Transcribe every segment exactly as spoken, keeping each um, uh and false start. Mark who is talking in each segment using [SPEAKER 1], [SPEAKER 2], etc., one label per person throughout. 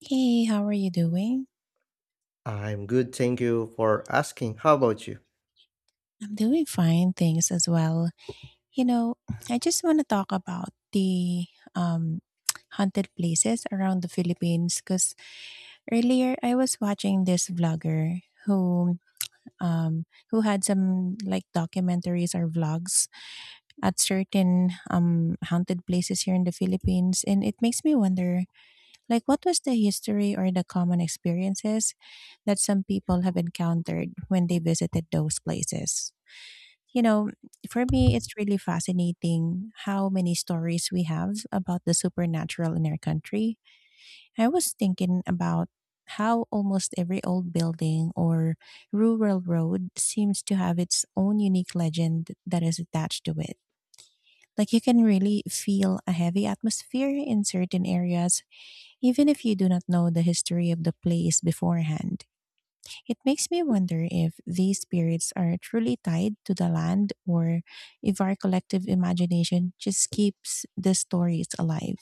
[SPEAKER 1] Hey, how are you doing?
[SPEAKER 2] I'm good, thank you for asking. How about you?
[SPEAKER 1] I'm doing fine, thanks as well. You know, I just want to talk about the um, haunted places around the Philippines because earlier I was watching this vlogger who um, who had some like documentaries or vlogs at certain um, haunted places here in the Philippines, and it makes me wonder like what was the history or the common experiences that some people have encountered when they visited those places. You know, for me, it's really fascinating how many stories we have about the supernatural in our country. I was thinking about how almost every old building or rural road seems to have its own unique legend that is attached to it. Like you can really feel a heavy atmosphere in certain areas, even if you do not know the history of the place beforehand. It makes me wonder if these spirits are truly tied to the land or if our collective imagination just keeps the stories alive.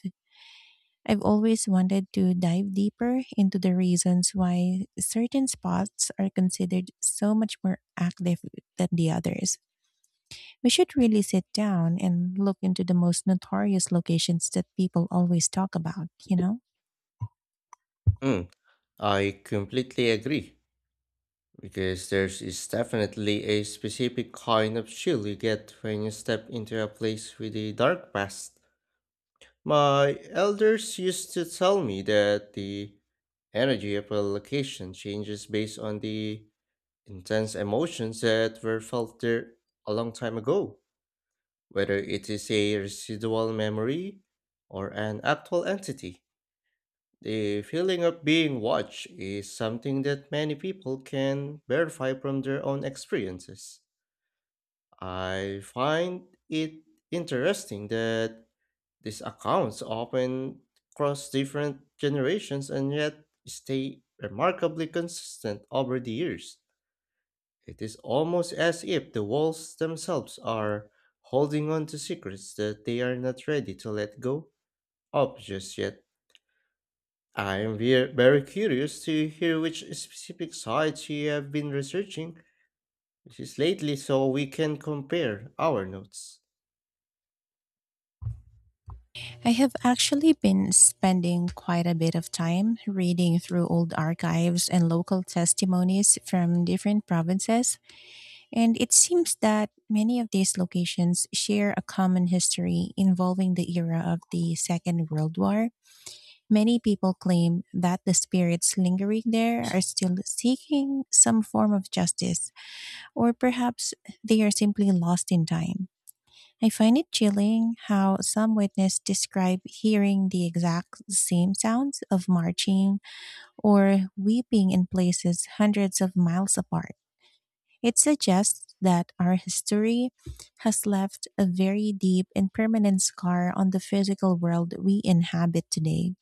[SPEAKER 1] I've always wanted to dive deeper into the reasons why certain spots are considered so much more active than the others. We should really sit down and look into the most notorious locations that people always talk about, you know?
[SPEAKER 2] Mm, I completely agree because there's is definitely a specific kind of chill you get when you step into a place with a dark past. My elders used to tell me that the energy of a location changes based on the intense emotions that were felt there a long time ago, whether it is a residual memory or an actual entity. The feeling of being watched is something that many people can verify from their own experiences. I find it interesting that these accounts often cross different generations and yet stay remarkably consistent over the years. It is almost as if the walls themselves are holding on to secrets that they are not ready to let go of just yet. I am ve- very curious to hear which specific sites you have been researching just lately so we can compare our notes.
[SPEAKER 1] I have actually been spending quite a bit of time reading through old archives and local testimonies from different provinces, and it seems that many of these locations share a common history involving the era of the Second World War. Many people claim that the spirits lingering there are still seeking some form of justice, or perhaps they are simply lost in time. I find it chilling how some witness describe hearing the exact same sounds of marching or weeping in places hundreds of miles apart. It suggests that our history has left a very deep and permanent scar on the physical world we inhabit today.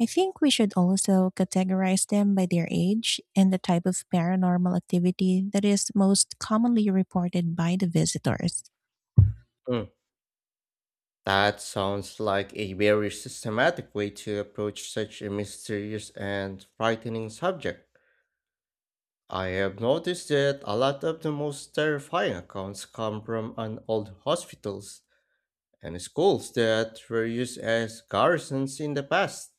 [SPEAKER 1] I think we should also categorize them by their age and the type of paranormal activity that is most commonly reported by the visitors.
[SPEAKER 2] Mm. That sounds like a very systematic way to approach such a mysterious and frightening subject. I have noticed that a lot of the most terrifying accounts come from an old hospitals and schools that were used as garrisons in the past.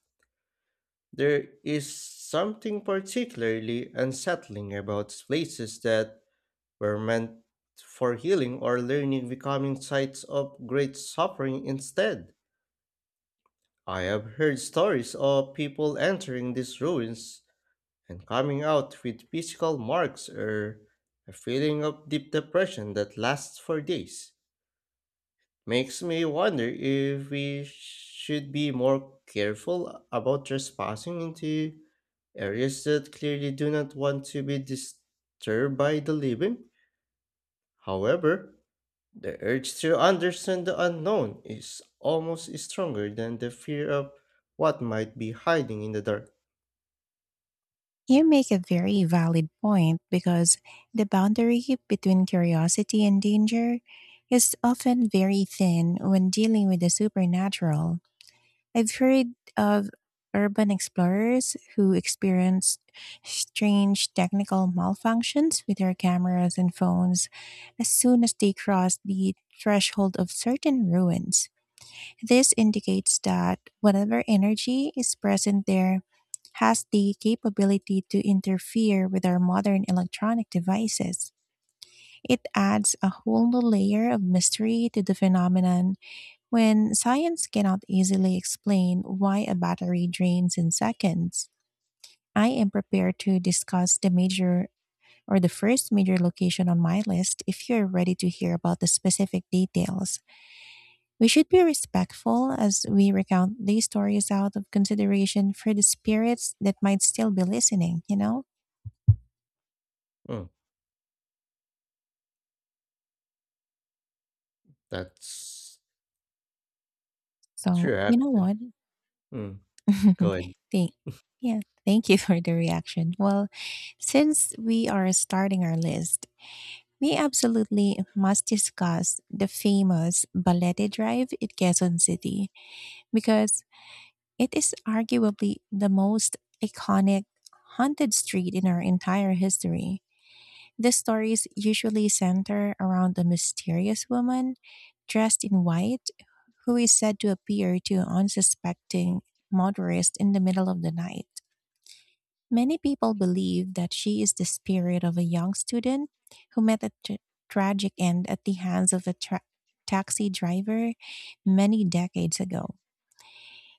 [SPEAKER 2] There is something particularly unsettling about places that were meant for healing or learning becoming sites of great suffering instead. I have heard stories of people entering these ruins and coming out with physical marks or a feeling of deep depression that lasts for days. Makes me wonder if we should be more careful about trespassing into areas that clearly do not want to be disturbed by the living. However, the urge to understand the unknown is almost stronger than the fear of what might be hiding in the dark.
[SPEAKER 1] You make a very valid point because the boundary between curiosity and danger is often very thin when dealing with the supernatural. I've heard of urban explorers who experienced strange technical malfunctions with their cameras and phones as soon as they crossed the threshold of certain ruins. This indicates that whatever energy is present there has the capability to interfere with our modern electronic devices. It adds a whole new layer of mystery to the phenomenon when science cannot easily explain why a battery drains in seconds. I am prepared to discuss the major or the first major location on my list if you're ready to hear about the specific details. We should be respectful as we recount these stories out of consideration for the spirits that might still be listening, you know?
[SPEAKER 2] Mm, that's
[SPEAKER 1] So,
[SPEAKER 2] true,
[SPEAKER 1] you know
[SPEAKER 2] actually.
[SPEAKER 1] what?
[SPEAKER 2] Mm, go ahead.
[SPEAKER 1] Thank, yeah, thank you for the reaction. Well, since we are starting our list, we absolutely must discuss the famous Balete Drive in Quezon City because it is arguably the most iconic haunted street in our entire history. The stories usually center around a mysterious woman dressed in white who is said to appear to unsuspecting motorists in the middle of the night. Many people believe that she is the spirit of a young student who met a tra- tragic end at the hands of a tra- taxi driver many decades ago.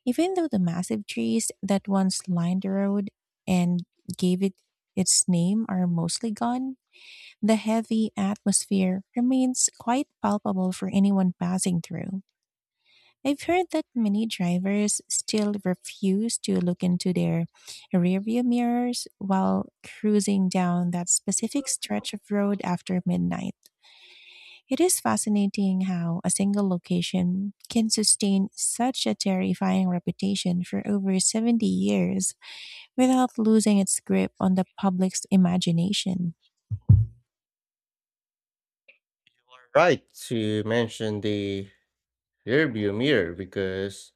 [SPEAKER 1] Even though the massive trees that once lined the road and gave it its name are mostly gone, the heavy atmosphere remains quite palpable for anyone passing through. I've heard that many drivers still refuse to look into their rearview mirrors while cruising down that specific stretch of road after midnight. It is fascinating how a single location can sustain such a terrifying reputation for over seventy years without losing its grip on the public's imagination.
[SPEAKER 2] Right to mention the rearview mirror because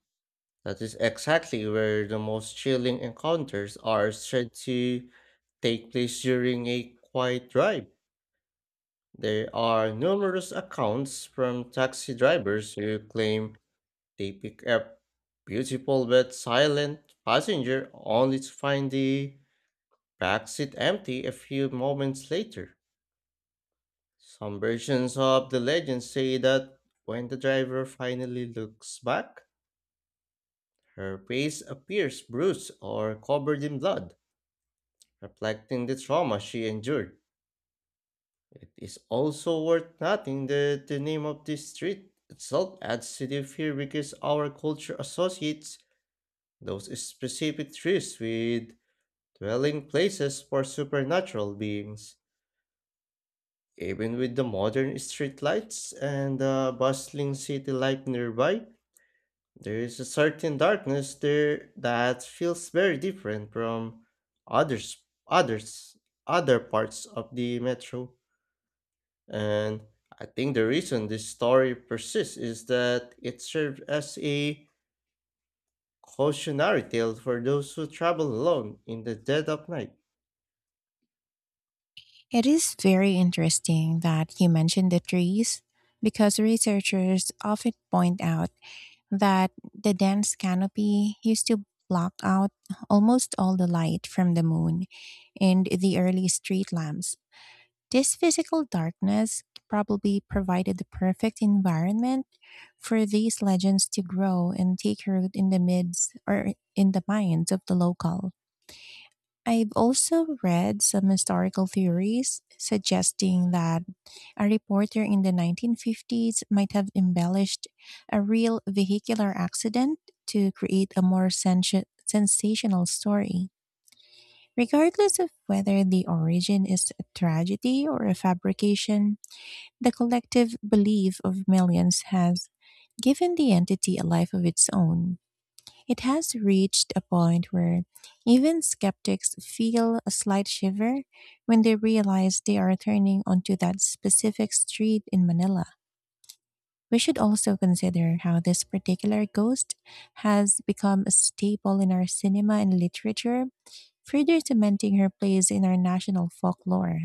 [SPEAKER 2] that is exactly where the most chilling encounters are said to take place during a quiet drive. There are numerous accounts from taxi drivers who claim they pick up beautiful but silent passenger only to find the backseat empty a few moments later. Some versions of the legend say that when the driver finally looks back, her face appears bruised or covered in blood, reflecting the trauma she endured. It is also worth noting that the name of this street itself adds to the fear because our culture associates those specific trees with dwelling places for supernatural beings. Even with the modern street lights and the bustling city life nearby, there is a certain darkness there that feels very different from others, others, other parts of the metro. And I think the reason this story persists is that it serves as a cautionary tale for those who travel alone in the dead of night.
[SPEAKER 1] It is very interesting that you mentioned the trees because researchers often point out that the dense canopy used to block out almost all the light from the moon and the early street lamps. This physical darkness probably provided the perfect environment for these legends to grow and take root in the midst or in the minds of the local. I've also read some historical theories suggesting that a reporter in the nineteen fifties might have embellished a real vehicular accident to create a more sensa- sensational story. Regardless of whether the origin is a tragedy or a fabrication, the collective belief of millions has given the entity a life of its own. It has reached a point where even skeptics feel a slight shiver when they realize they are turning onto that specific street in Manila. We should also consider how this particular ghost has become a staple in our cinema and literature, further cementing her place in our national folklore.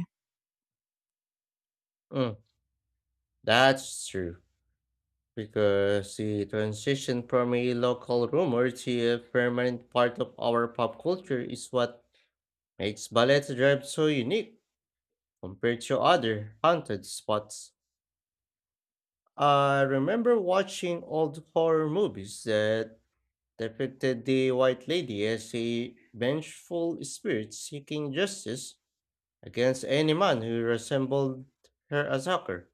[SPEAKER 2] Mm, that's true, because the transition from a local rumor to a permanent part of our pop culture is what makes Ballet Drive so unique compared to other haunted spots. I remember watching old horror movies that depicted the White Lady as a vengeful spirit seeking justice against any man who resembled her attacker.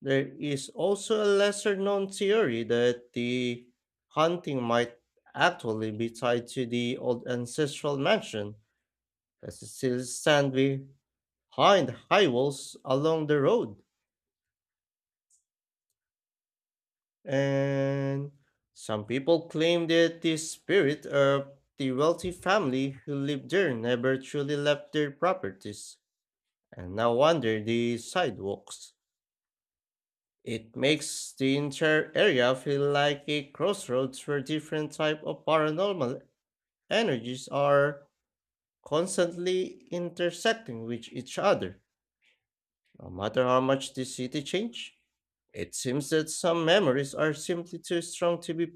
[SPEAKER 2] There is also a lesser known theory that the haunting might actually be tied to the old ancestral mansion that still stands behind high walls along the road. And some people claim that the spirit of the wealthy family who lived there never truly left their properties, and now wander the sidewalks. It makes the entire area feel like a crossroads where different type of paranormal energies are constantly intersecting with each other. No matter how much the city changed, it seems that some memories are simply too strong to be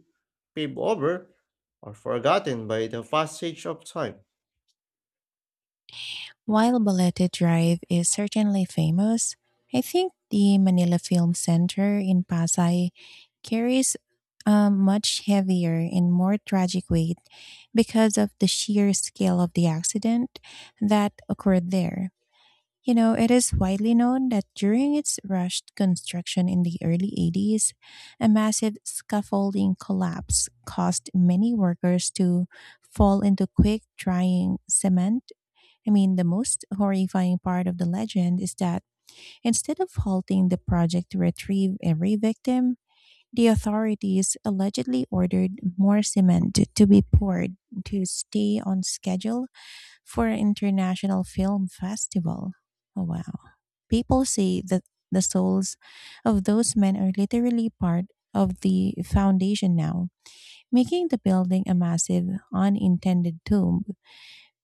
[SPEAKER 2] paved over or forgotten by the passage of time.
[SPEAKER 1] While Balete Drive is certainly famous, I think the Manila Film Center in Pasay carries a much heavier and more tragic weight because of the sheer scale of the accident that occurred there. You know, it is widely known that during its rushed construction in the early eighties, a massive scaffolding collapse caused many workers to fall into quick drying cement. I mean, the most horrifying part of the legend is that instead of halting the project to retrieve every victim, the authorities allegedly ordered more cement to be poured to stay on schedule for an international film festival. Oh, wow. People say that the souls of those men are literally part of the foundation now, making the building a massive, unintended tomb.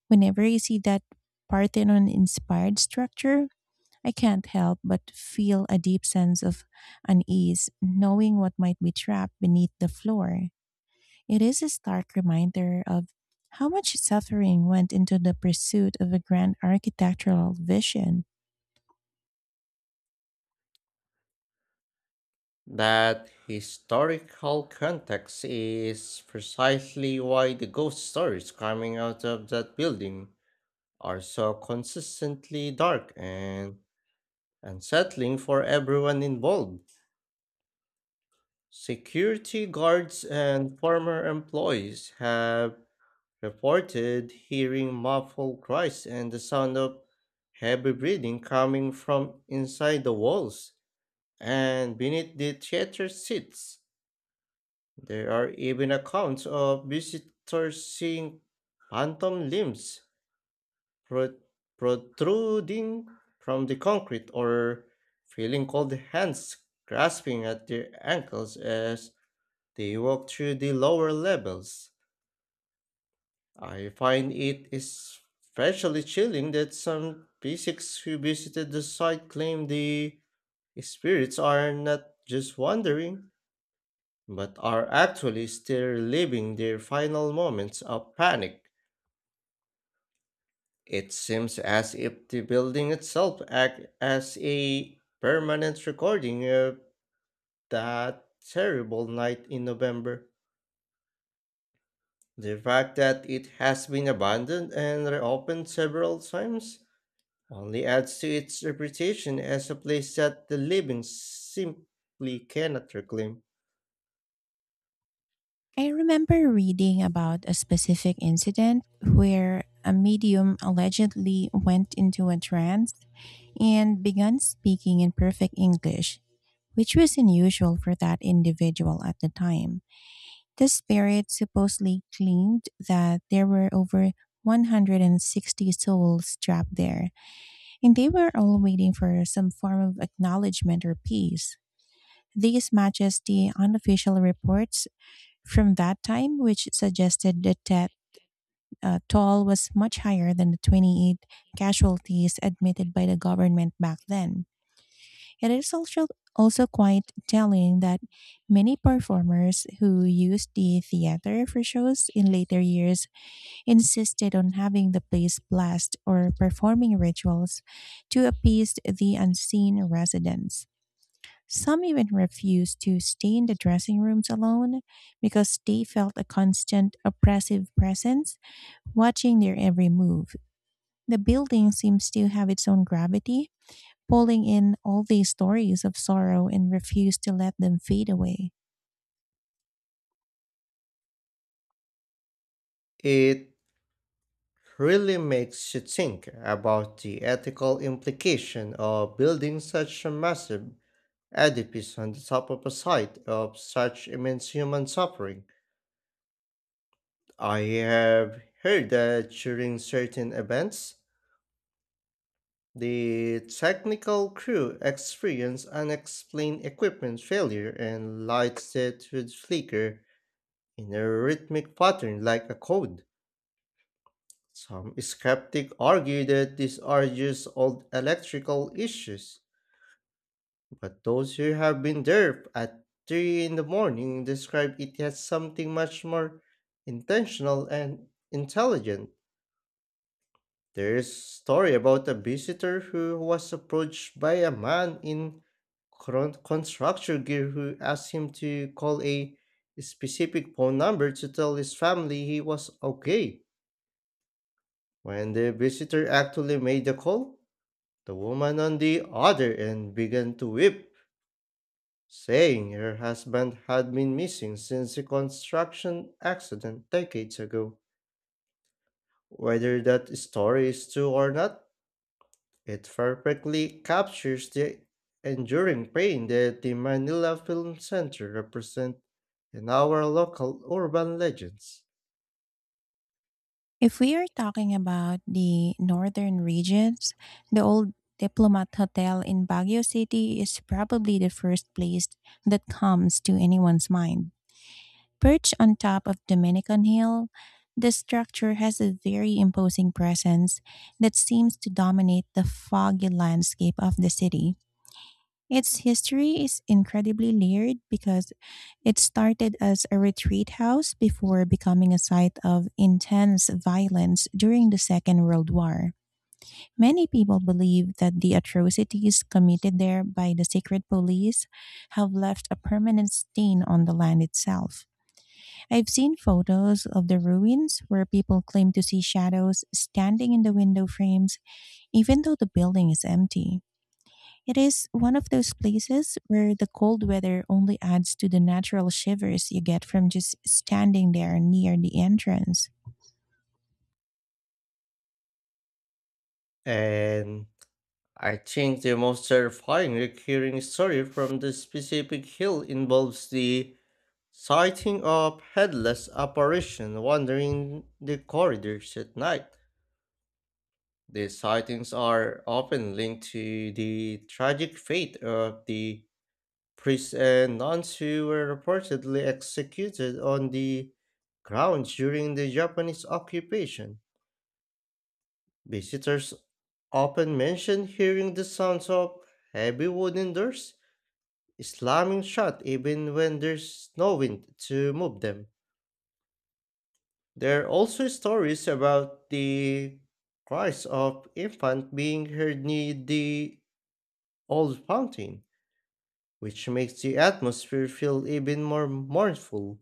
[SPEAKER 1] Whenever you see that Parthenon inspired structure, I can't help but feel a deep sense of unease knowing what might be trapped beneath the floor. It is a stark reminder of how much suffering went into the pursuit of a grand architectural vision.
[SPEAKER 2] That historical context is precisely why the ghost stories coming out of that building are so consistently dark and unsettling for everyone involved. Security guards and former employees have reported hearing muffled cries and the sound of heavy breathing coming from inside the walls and beneath the theater seats. There are even accounts of visitors seeing phantom limbs pro- protruding from the concrete or feeling cold hands grasping at their ankles as they walk through the lower levels. I find it especially chilling that some P six who visited the site claim the spirits are not just wandering, but are actually still living their final moments of panic. It seems as if the building itself acts as a permanent recording of that terrible night in November. The fact that it has been abandoned and reopened several times only adds to its reputation as a place that the living simply cannot reclaim.
[SPEAKER 1] I remember reading about a specific incident where a medium allegedly went into a trance and began speaking in perfect English, which was unusual for that individual at the time. The spirits supposedly claimed that there were over a hundred and sixty souls trapped there, and they were all waiting for some form of acknowledgement or peace. These matches the unofficial reports from that time, which suggested that that uh, toll was much higher than the twenty-eight casualties admitted by the government back then. It is also also quite telling that many performers who used the theater for shows in later years insisted on having the place blessed or performing rituals to appease the unseen residents. Some even refused to stay in the dressing rooms alone because they felt a constant oppressive presence watching their every move. The building seems to have its own gravity pulling in all these stories of sorrow and refuse to let them fade away.
[SPEAKER 2] It really makes you think about the ethical implication of building such a massive edifice on the top of a site of such immense human suffering. I have heard that during certain events, the technical crew experienced unexplained equipment failure and lights that would flicker in a rhythmic pattern like a code. Some skeptics argue that these are just old electrical issues, but those who have been there at three in the morning describe it as something much more intentional and intelligent. There is a story about a visitor who was approached by a man in cron- construction gear who asked him to call a specific phone number to tell his family he was okay. When the visitor actually made the call, the woman on the other end began to weep, saying her husband had been missing since the construction accident decades ago. Whether that story is true or not, it perfectly captures the enduring pain that the Manila Film Center represents in our local urban legends.
[SPEAKER 1] If we are talking about the northern regions, the old Diplomat Hotel in Baguio City is probably the first place that comes to anyone's mind. Perched on top of Dominican Hill, the structure has a very imposing presence that seems to dominate the foggy landscape of the city. Its history is incredibly layered because it started as a retreat house before becoming a site of intense violence during the Second World War. Many people believe that the atrocities committed there by the secret police have left a permanent stain on the land itself. I've seen photos of the ruins where people claim to see shadows standing in the window frames, even though the building is empty. It is one of those places where the cold weather only adds to the natural shivers you get from just standing there near the entrance.
[SPEAKER 2] And I think the most terrifying recurring story from the specific hill involves the sighting of headless apparition wandering the corridors at night. These sightings are often linked to the tragic fate of the priests and nuns who were reportedly executed on the grounds during the Japanese occupation. Visitors often mention hearing the sounds of heavy wooden doors slamming shut even when there's no wind to move them. There are also stories about the cries of infant being heard near the old fountain, which makes the atmosphere feel even more mournful.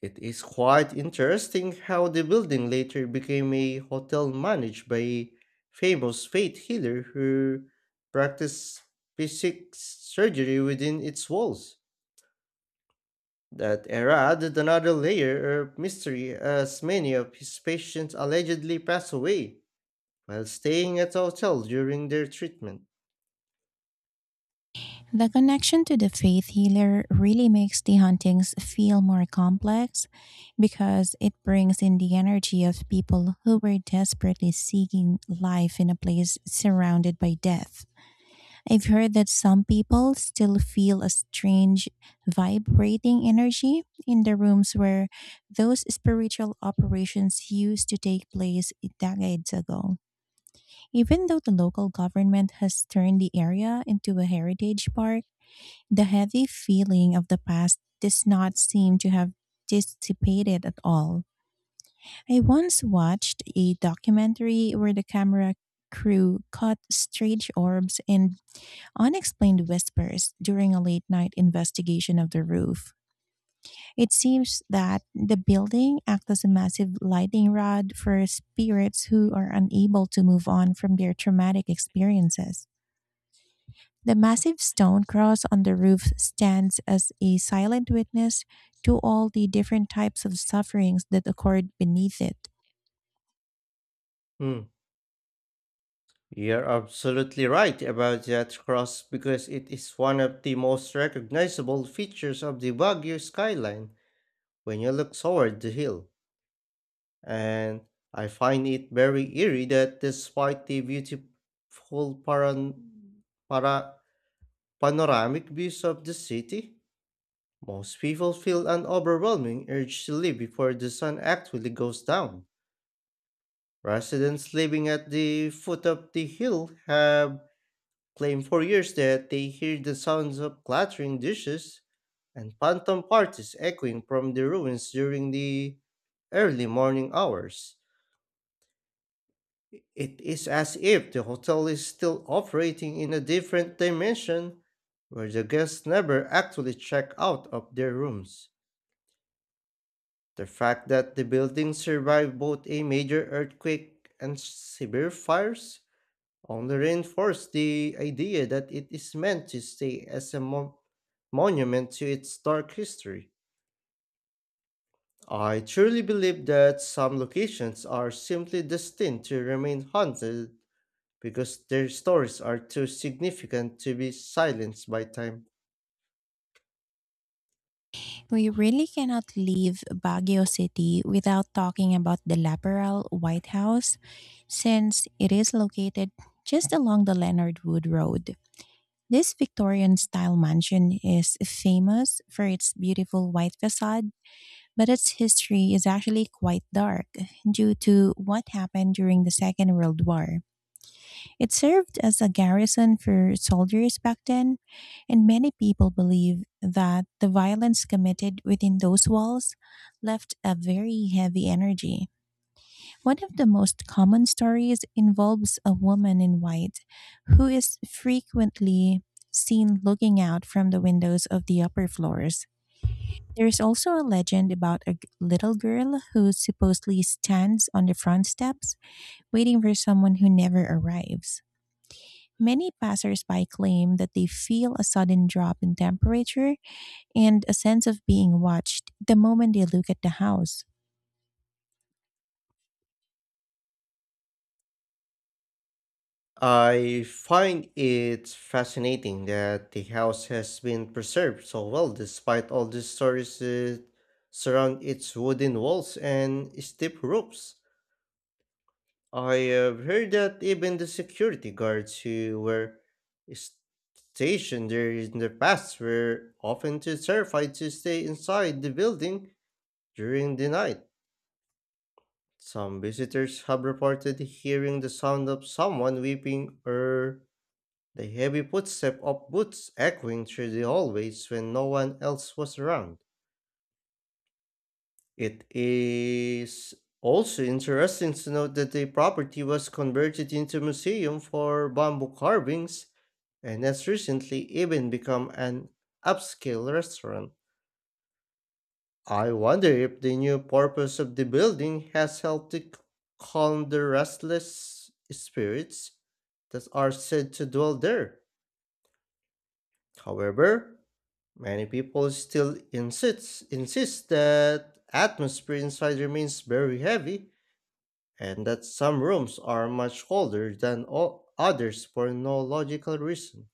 [SPEAKER 2] It is quite interesting how the building later became a hotel managed by a famous faith healer who practiced physic surgery within its walls. That era added another layer of mystery as many of his patients allegedly passed away while staying at a hotel during their treatment.
[SPEAKER 1] The connection to the faith healer really makes the hauntings feel more complex because it brings in the energy of people who were desperately seeking life in a place surrounded by death. I've heard that some people still feel a strange vibrating energy in the rooms where those spiritual operations used to take place decades ago. Even though the local government has turned the area into a heritage park, the heavy feeling of the past does not seem to have dissipated at all. I once watched a documentary where the camera crew caught strange orbs and unexplained whispers during a late night investigation of the roof. It seems that the building acts as a massive lightning rod for spirits who are unable to move on from their traumatic experiences. The massive stone cross on the roof stands as a silent witness to all the different types of sufferings that occurred beneath it.
[SPEAKER 2] Hmm. You're absolutely right about that cross because it is one of the most recognizable features of the Baguio skyline when you look toward the hill. And I find it very eerie that despite the beautiful paran- para- panoramic views of the city, most people feel an overwhelming urge to leave before the sun actually goes down. Residents living at the foot of the hill have claimed for years that they hear the sounds of clattering dishes and phantom parties echoing from the ruins during the early morning hours. It is as if the hotel is still operating in a different dimension where the guests never actually check out of their rooms. The fact that the building survived both a major earthquake and severe fires only reinforced the idea that it is meant to stay as a mo- monument to its dark history. I truly believe that some locations are simply destined to remain haunted because their stories are too significant to be silenced by time.
[SPEAKER 1] We really cannot leave Baguio City without talking about the Laperal White House since it is located just along the Leonard Wood Road. This Victorian style mansion is famous for its beautiful white facade, but its history is actually quite dark due to what happened during the Second World War. It served as a garrison for soldiers back then, and many people believe that the violence committed within those walls left a very heavy energy. One of the most common stories involves a woman in white who is frequently seen looking out from the windows of the upper floors. There is also a legend about a g- little girl who supposedly stands on the front steps waiting for someone who never arrives. Many passersby claim that they feel a sudden drop in temperature and a sense of being watched the moment they look at the house.
[SPEAKER 2] I find it fascinating that the house has been preserved so well despite all the stories that surround its wooden walls and steep roofs. I have heard that even the security guards who were stationed there in the past were often too terrified to stay inside the building during the night. Some visitors have reported hearing the sound of someone weeping or the heavy footstep of boots echoing through the hallways when no one else was around. It is also interesting to note that the property was converted into a museum for bamboo carvings and has recently even become an upscale restaurant. I wonder if the new purpose of the building has helped to c- calm the restless spirits that are said to dwell there. However, many people still insist insist that atmosphere inside remains very heavy and that some rooms are much colder than o others for no logical reason.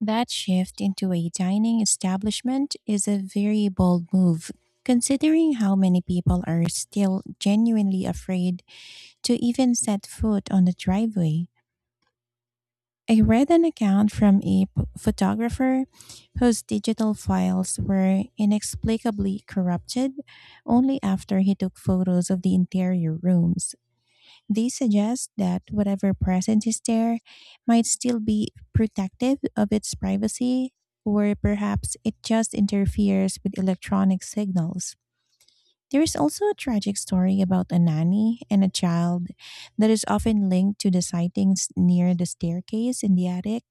[SPEAKER 1] That shift into a dining establishment is a very bold move, considering how many people are still genuinely afraid to even set foot on the driveway. I read an account from a p- photographer whose digital files were inexplicably corrupted only after he took photos of the interior rooms. These suggest that whatever presence is there might still be protective of its privacy, or perhaps it just interferes with electronic signals. There is also a tragic story about a nanny and a child that is often linked to the sightings near the staircase in the attic.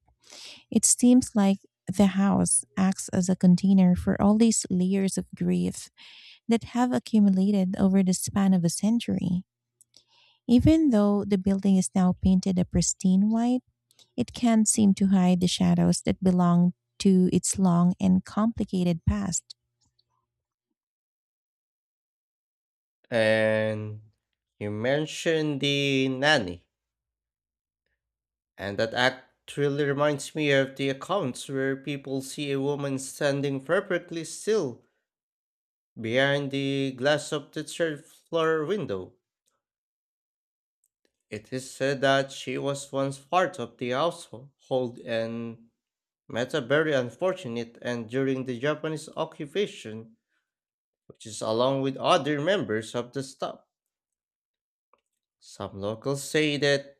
[SPEAKER 1] It seems like the house acts as a container for all these layers of grief that have accumulated over the span of a century. Even though the building is now painted a pristine white, it can't seem to hide the shadows that belong to its long and complicated past.
[SPEAKER 2] And you mentioned the nanny, and that actually reminds me of the accounts where people see a woman standing perfectly still behind the glass of the third floor window. It is said that she was once part of the household and met a very unfortunate and during the Japanese occupation, which is along with other members of the staff. Some locals say that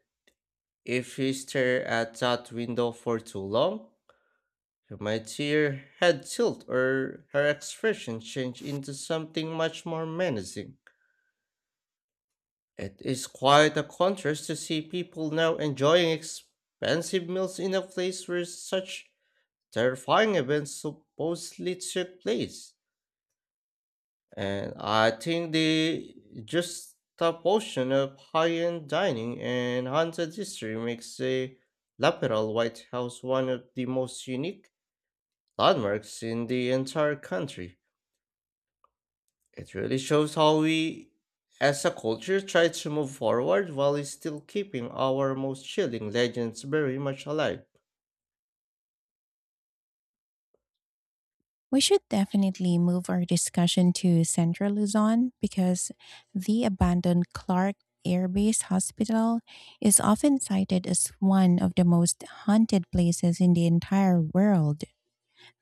[SPEAKER 2] if you stare at that window for too long, you might see her head tilt or her expression change into something much more menacing. It is quite a contrast to see people now enjoying expensive meals in a place where such terrifying events supposedly took place, and I think the juxtaposition of high-end dining and haunted history makes the Laperal White House one of the most unique landmarks in the entire country. It really shows how we, as a culture, try to move forward while still keeping our most chilling legends very much alive.
[SPEAKER 1] We should definitely move our discussion to Central Luzon because the abandoned Clark Air Base Hospital is often cited as one of the most haunted places in the entire world.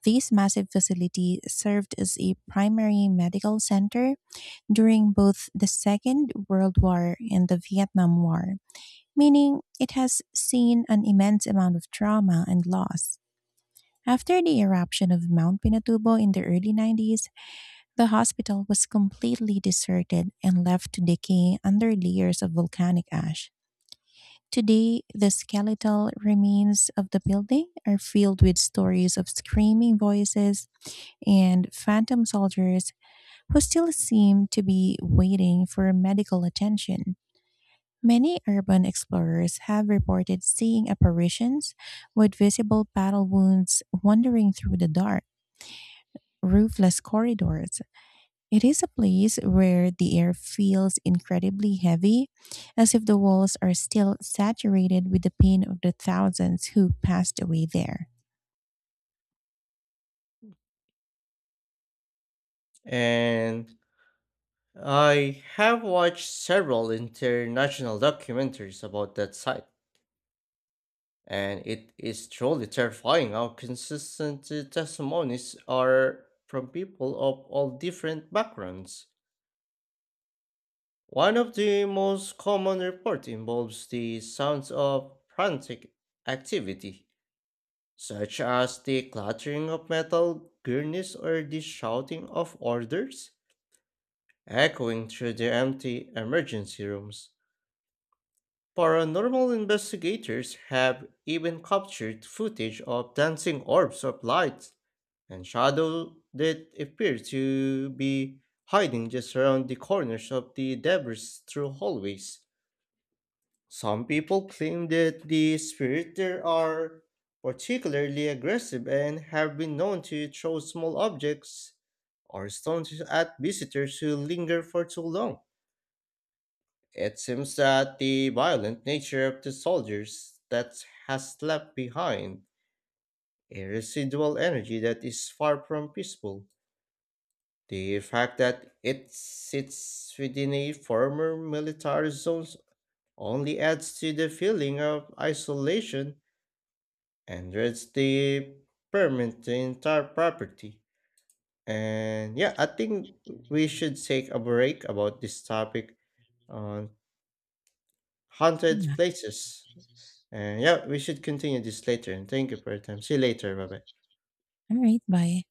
[SPEAKER 1] This massive facility served as a primary medical center during both the Second World War and the Vietnam War, meaning it has seen an immense amount of trauma and loss. After the eruption of Mount Pinatubo in the early nineties, the hospital was completely deserted and left to decay under layers of volcanic ash. Today, the skeletal remains of the building are filled with stories of screaming voices and phantom soldiers who still seem to be waiting for medical attention. Many urban explorers have reported seeing apparitions with visible battle wounds wandering through the dark, roofless corridors. It is a place where the air feels incredibly heavy, as if the walls are still saturated with the pain of the thousands who passed away there.
[SPEAKER 2] And I have watched several international documentaries about that site, and it is truly terrifying how consistent the testimonies are from people of all different backgrounds. One of the most common reports involves the sounds of frantic activity, such as the clattering of metal gurneys or the shouting of orders echoing through the empty emergency rooms. Paranormal investigators have even captured footage of dancing orbs of light and shadow that appear to be hiding just around the corners of the debris through hallways. Some people claim that the spirits there are particularly aggressive and have been known to throw small objects or stones at visitors who linger for too long. It seems that the violent nature of the soldiers that has left behind a residual energy that is far from peaceful. The fact that it sits within a former military zone only adds to the feeling of isolation and dreads the permanent entire property. And yeah, I think we should take a break about this topic on haunted
[SPEAKER 1] Yeah.
[SPEAKER 2] places. And yeah, we should continue this later. Thank you for your time. See you later. Bye bye.
[SPEAKER 1] All right. Bye.